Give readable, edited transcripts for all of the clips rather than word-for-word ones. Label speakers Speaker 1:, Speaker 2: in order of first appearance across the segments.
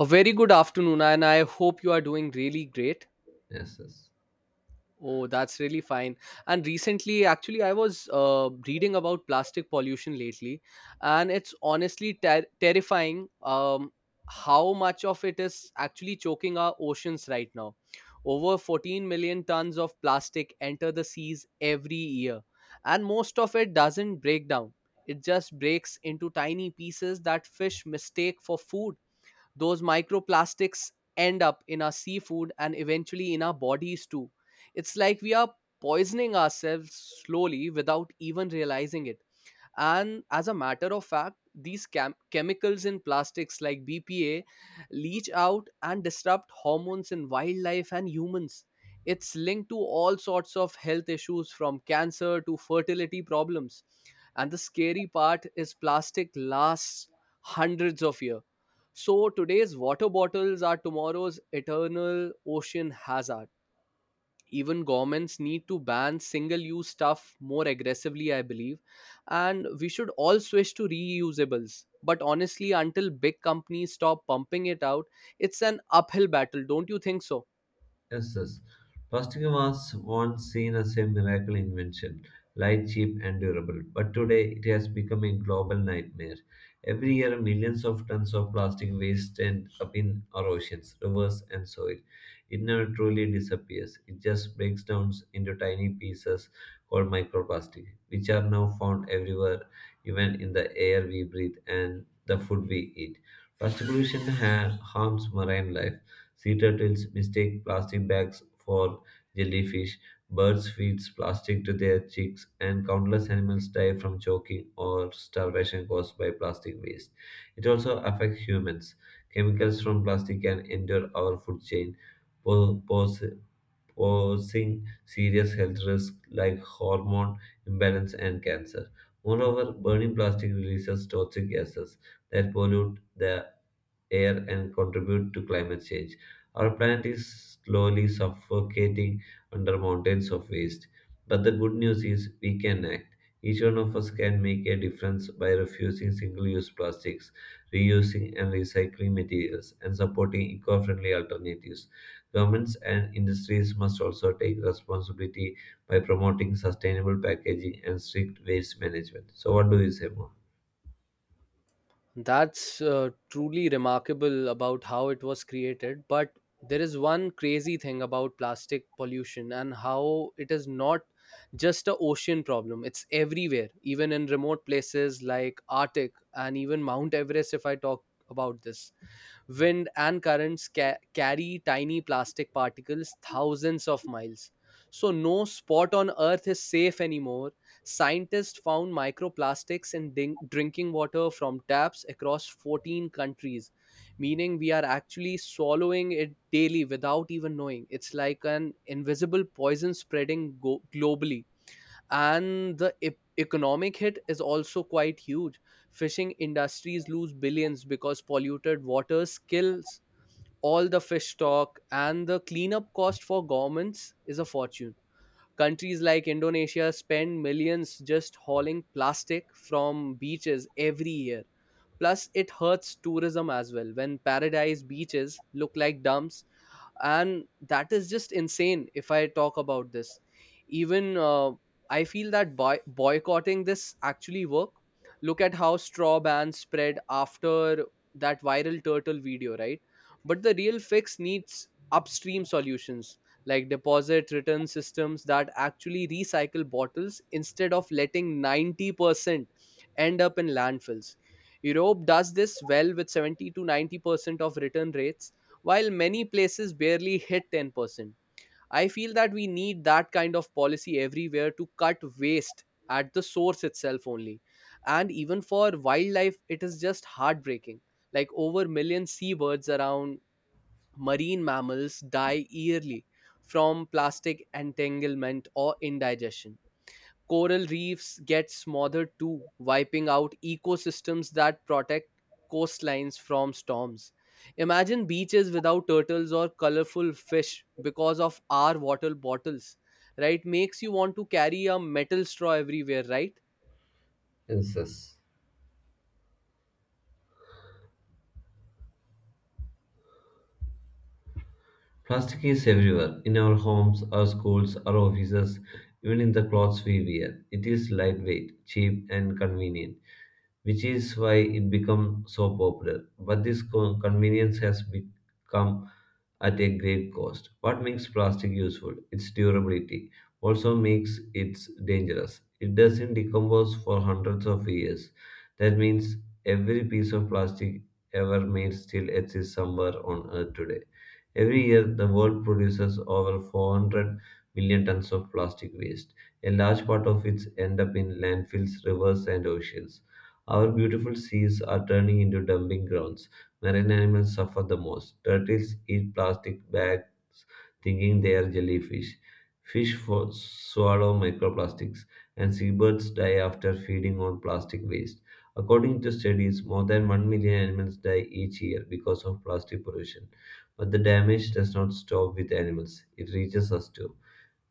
Speaker 1: A very good afternoon, and I hope you are doing really great.
Speaker 2: Yes, yes,
Speaker 1: Oh, that's really fine. And recently, actually, I was reading about plastic pollution lately, and it's honestly terrifying, how much of it is actually choking our oceans right now. Over 14 million tons of plastic enter the seas every year, and most of it doesn't break down. It just breaks into tiny pieces that fish mistake for food. Those microplastics end up in our seafood and eventually in our bodies too. It's like we are poisoning ourselves slowly without even realizing it. And as a matter of fact, these chemicals in plastics like BPA leach out and disrupt hormones in wildlife and humans. It's linked to all sorts of health issues from cancer to fertility problems. And the scary part is plastic lasts hundreds of years. So today's water bottles are tomorrow's eternal ocean hazard. Even governments need to ban single use stuff more aggressively, I believe, and we should all switch to reusables. But honestly, until big companies stop pumping it out, it's an uphill battle, don't you think so?
Speaker 2: yes, yes. Plastic was once seen as a miracle invention, light, cheap, and durable. But today, it has become a global nightmare. Every year, millions of tons of plastic waste end up in our oceans, rivers, and soil. It never truly disappears. It just breaks down into tiny pieces called microplastic, which are now found everywhere, even in the air we breathe and the food we eat. Plastic pollution harms marine life. Sea turtles mistake plastic bags for jellyfish, birds feed plastic to their chicks, and countless animals die from choking or starvation caused by plastic waste. It also affects humans. Chemicals from plastic can enter our food chain, po- pose posing serious health risks like hormone imbalance and cancer. Moreover, burning plastic releases toxic gases that pollute the air and contribute to climate change. Our planet is slowly suffocating under mountains of waste. But the good news is we can act. Each one of us can make a difference by refusing single use plastics, reusing and recycling materials, and supporting eco friendly alternatives. Governments and industries must also take responsibility by promoting sustainable packaging and strict waste management. So, what do you say more?
Speaker 1: That's truly remarkable about how it was created. But there is one crazy thing about plastic pollution and how it is not just a ocean problem. It's everywhere, even in remote places like Arctic and even Mount Everest. If I talk about this, wind and currents carry tiny plastic particles thousands of miles. So, no spot on Earth is safe anymore. Scientists found microplastics in drinking water from taps across 14 countries, meaning we are actually swallowing it daily without even knowing. It's like an invisible poison spreading globally. And the economic hit is also quite huge. Fishing industries lose billions because polluted waters kills all the fish stock, and the cleanup cost for governments is a fortune. Countries like Indonesia spend millions just hauling plastic from beaches every year. Plus, it hurts tourism as well when paradise beaches look like dumps, and that is just insane. If I talk about this, even I feel that boycotting this actually work. Look at how straw ban spread after that viral turtle video, right? But the real fix needs upstream solutions like deposit return systems that actually recycle bottles instead of letting 90% end up in landfills. Europe does this well with 70 to 90% of return rates, while many places barely hit 10%. I feel that we need that kind of policy everywhere to cut waste at the source itself only. And even for wildlife, it is just heartbreaking. Like over million seabirds around marine mammals die yearly from plastic entanglement or indigestion. Coral reefs get smothered too, wiping out ecosystems that protect coastlines from storms. Imagine beaches without turtles or colorful fish because of our water bottles, right? Makes you want to carry a metal straw everywhere, right?
Speaker 2: Yes, yes. Plastic is everywhere in our homes, our schools, our offices, even in the clothes we wear. It is lightweight, cheap, and convenient, which is why it becomes so popular. But this convenience has become at a great cost. What makes plastic useful? Its durability also makes it dangerous. It doesn't decompose for hundreds of years. That means every piece of plastic ever made still exists somewhere on earth today. Every year, the world produces over 400 million tons of plastic waste. A large part of it end up in landfills, rivers, and oceans. Our beautiful seas are turning into dumping grounds. Marine animals suffer the most. Turtles eat plastic bags thinking they are jellyfish. Fish swallow microplastics, and seabirds die after feeding on plastic waste. According to studies, more than 1 million animals die each year because of plastic pollution. But the damage does not stop with animals, it reaches us too.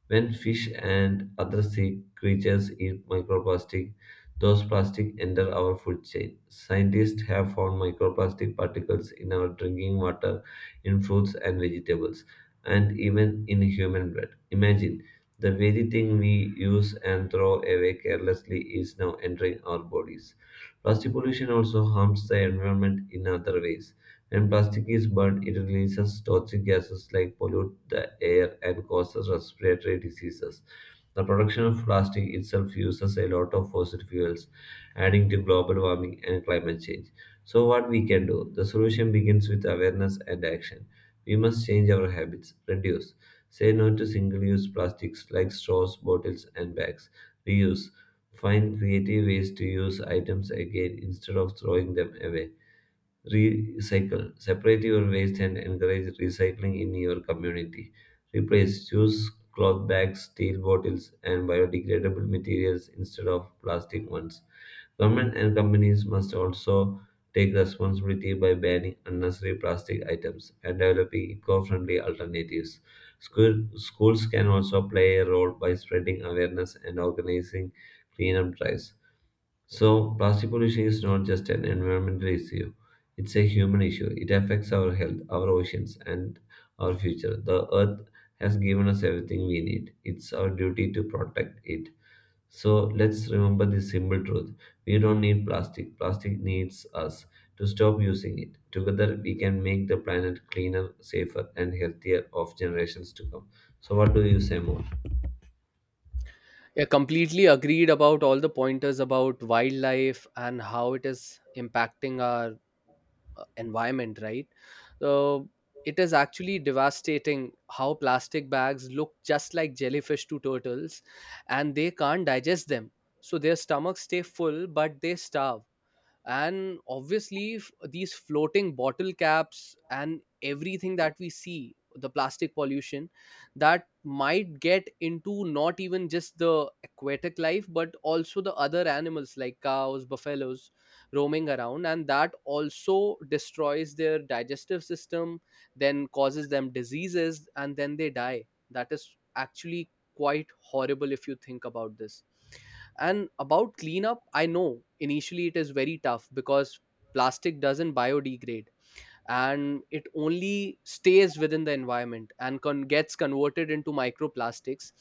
Speaker 2: When fish and other sea creatures eat microplastic, those plastics enter our food chain. Scientists have found microplastic particles in our drinking water, in fruits and vegetables, and even in human blood. Imagine the very thing we use and throw away carelessly is now entering our bodies. Plastic pollution also harms the environment in other ways. When plastic is burned, it releases toxic gases like pollute the air and causes respiratory diseases. The production of plastic itself uses a lot of fossil fuels, adding to global warming and climate change. So, what we can do? The solution begins with awareness and action. We must change our habits. Reduce, say no to single use plastics like straws, bottles, and bags. Reuse, find creative ways to use items again instead of throwing them away. Recycle. Separate your waste and encourage recycling in your community. Replace. Choose cloth bags, steel bottles, and biodegradable materials instead of plastic ones. Government and companies must also take responsibility by banning unnecessary plastic items and developing eco-friendly alternatives. Schools can also play a role by spreading awareness and organizing cleanup drives. So, plastic pollution is not just an environmental issue, it's a human issue. It affects our health, our oceans, and our future. The earth has given us everything we need. It's our duty to protect it. So, let's remember this simple truth: we don't need plastic, plastic needs us. To stop using it. Together, we can make the planet cleaner, safer, and healthier of generations to come. So, what do you say more?
Speaker 1: Yeah, completely agreed about all the pointers about wildlife and how it is impacting our environment, right? So it is actually devastating how plastic bags look just like jellyfish to turtles, and they can't digest them, so their stomachs stay full but they starve. And obviously, these floating bottle caps and everything that we see, the plastic pollution that might get into not even just the aquatic life but also the other animals like cows, buffaloes roaming around, and that also destroys their digestive system, then causes them diseases and then they die. That is actually quite horrible if you think about this. And about cleanup, I know initially it is very tough because plastic doesn't biodegrade, and it only stays within the environment and gets converted into microplastics,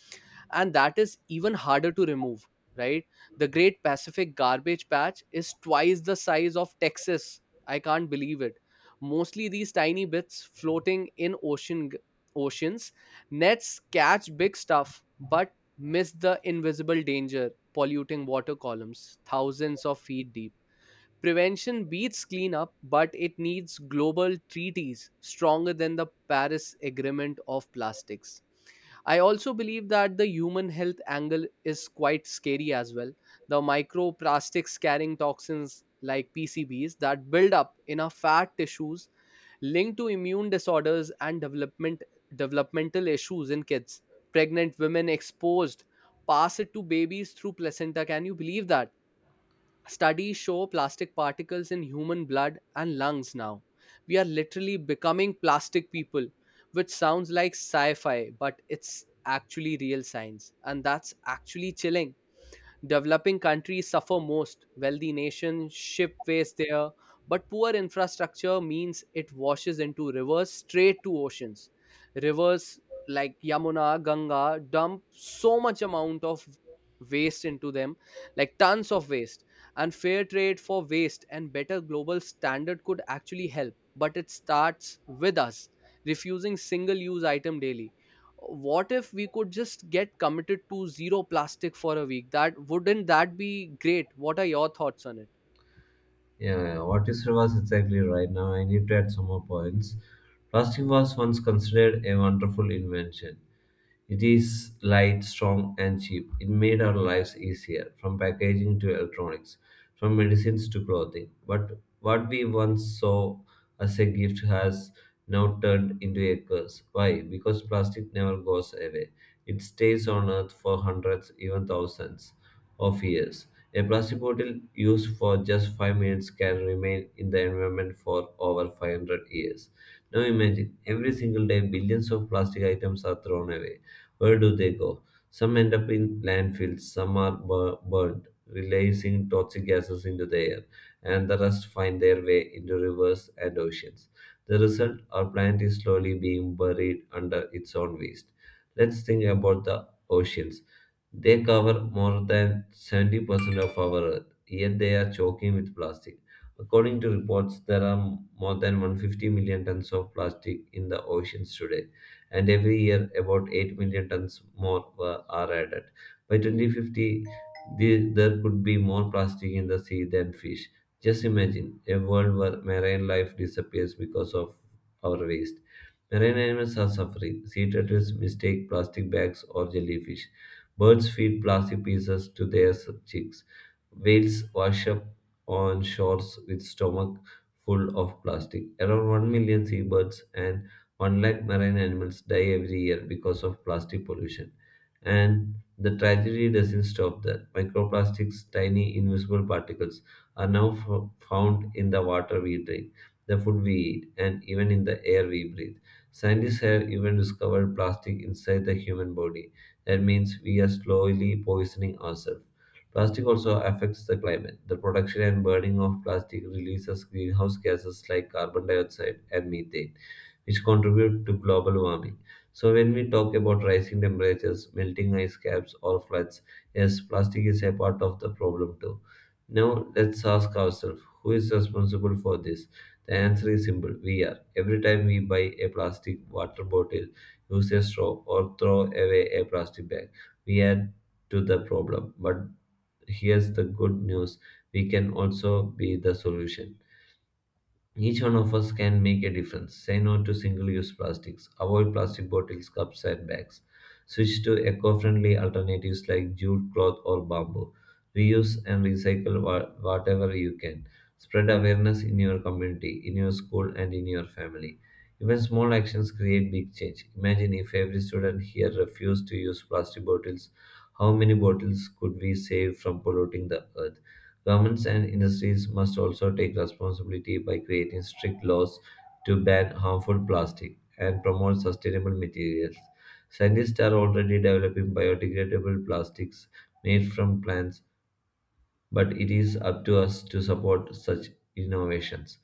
Speaker 1: and that is even harder to remove, right? The Great Pacific Garbage Patch is twice the size of Texas. I can't believe it. Mostly these tiny bits floating in ocean, oceans. Nets catch big stuff but miss the invisible danger polluting water columns thousands of feet deep. Prevention beats cleanup, but it needs global treaties stronger than the Paris Agreement of plastics. I also believe that the human health angle is quite scary as well. The microplastics carrying toxins like PCBs that build up in our fat tissues, linked to immune disorders and developmental issues in kids. Pregnant women exposed pass it to babies through placenta. Can you believe that? Studies show plastic particles in human blood and lungs now. We are literally becoming plastic people, which sounds like sci fi, but it's actually real science. And that's actually chilling. Developing countries suffer most. Wealthy nations ship waste there, but poor infrastructure means it washes into rivers straight to oceans. Rivers like Yamuna, Ganga dump so much amount of waste into them, like tons of waste. And fair trade for waste and better global standard could actually help, but it starts with us refusing single use item daily. What if we could just get committed to zero plastic for a week? That, wouldn't that be great? What are your thoughts on it?
Speaker 2: Yeah, yeah. What you said was exactly right. Now I need to add some more points. Plastic was once considered a wonderful invention. It is light, strong, and cheap. It made our lives easier, from packaging to electronics, from medicines to clothing. But what we once saw as a gift has now turned into a curse. Why? Because plastic never goes away. It stays on Earth for hundreds, even thousands of years. A plastic bottle used for just 5 minutes can remain in the environment for over 500 years. Now imagine, every single day billions of plastic items are thrown away. Where do they go? Some end up in landfills, some are burned, releasing toxic gases into the air, and the rest find their way into rivers and oceans. The result, our planet is slowly being buried under its own waste. Let's think about the oceans. They cover more than 70% of our Earth, yet they are choking with plastic. According to reports, there are more than 150 million tons of plastic in the oceans today, and every year about 8 million tons more are added. By 2050, there could be more plastic in the sea than fish. Just imagine a world where marine life disappears because of our waste. Marine animals are suffering. Sea turtles mistake plastic bags or jellyfish. Birds feed plastic pieces to their chicks. Whales wash up on shores with stomach full of plastic. Around 1 million seabirds and 1 lakh marine animals die every year because of plastic pollution. And the tragedy doesn't stop there. Microplastics, tiny invisible particles, are now found in the water we drink, the food we eat, and even in the air we breathe. Scientists have even discovered plastic inside the human body. That means we are slowly poisoning ourselves. Plastic also affects the climate. The production and burning of plastic releases greenhouse gases like carbon dioxide and methane, which contribute to global warming. So, when we talk about rising temperatures, melting ice caps, or floods, yes, plastic is a part of the problem too. Now, let's ask ourselves, who is responsible for this? The answer is simple, we are. Every time we buy a plastic water bottle, use a straw, or throw away a plastic bag, we add to the problem. But here's the good news, we can also be the solution. Each one of us can make a difference. Say no to single use plastics. Avoid plastic bottles, cups, and bags. Switch to eco friendly alternatives like jute, cloth, or bamboo. Reuse and recycle whatever you can. Spread awareness in your community, in your school, and in your family. Even small actions create big change. Imagine if every student here refused to use plastic bottles, how many bottles could we save from polluting the earth? Governments and industries must also take responsibility by creating strict laws to ban harmful plastic and promote sustainable materials. Scientists are already developing biodegradable plastics made from plants, but it is up to us to support such innovations.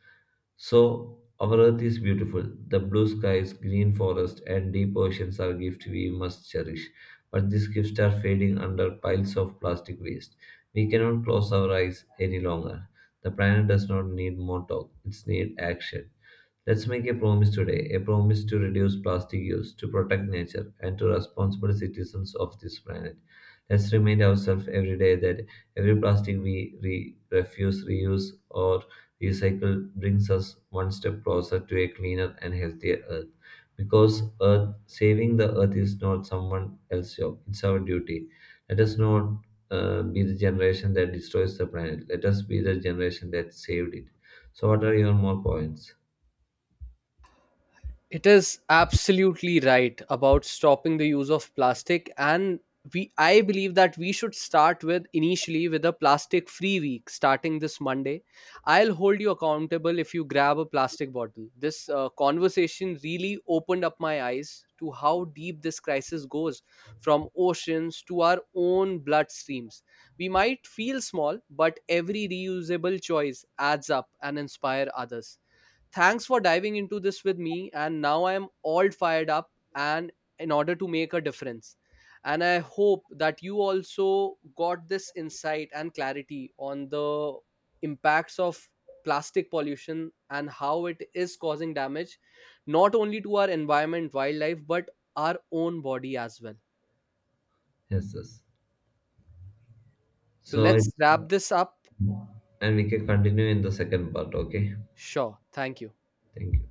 Speaker 2: So, our earth is beautiful. The blue skies, green forests, and deep oceans are gifts we must cherish. But these gifts are fading under piles of plastic waste. We cannot close our eyes any longer. The planet does not need more talk, it needs action. Let's make a promise today, a promise to reduce plastic use, to protect nature, and to responsible citizens of this planet. Let's remind ourselves every day that every plastic we refuse, reuse, or recycle brings us one step closer to a cleaner and healthier Earth. Because saving the Earth is not someone else's job; it's our duty. Let us not be the generation that destroys the planet. Let us be the generation that saved it. So, what are your more points?
Speaker 1: It is absolutely right about stopping the use of plastic, and we I believe that we should start with initially with a plastic free week starting this Monday. I'll hold you accountable if you grab a plastic bottle. This conversation really opened up my eyes to how deep this crisis goes, from oceans to our own bloodstreams. We might feel small, but every reusable choice adds up and inspire others. Thanks for diving into this with me. And now I am all fired up and in order to make a difference. And I hope that you also got this insight and clarity on the impacts of plastic pollution and how it is causing damage not only to our environment, wildlife, but our own body as well.
Speaker 2: Yes, yes.
Speaker 1: So
Speaker 2: So,
Speaker 1: let's wrap this up.
Speaker 2: and we can continue in the second part. Okay.
Speaker 1: Sure. Thank you.
Speaker 2: Thank you.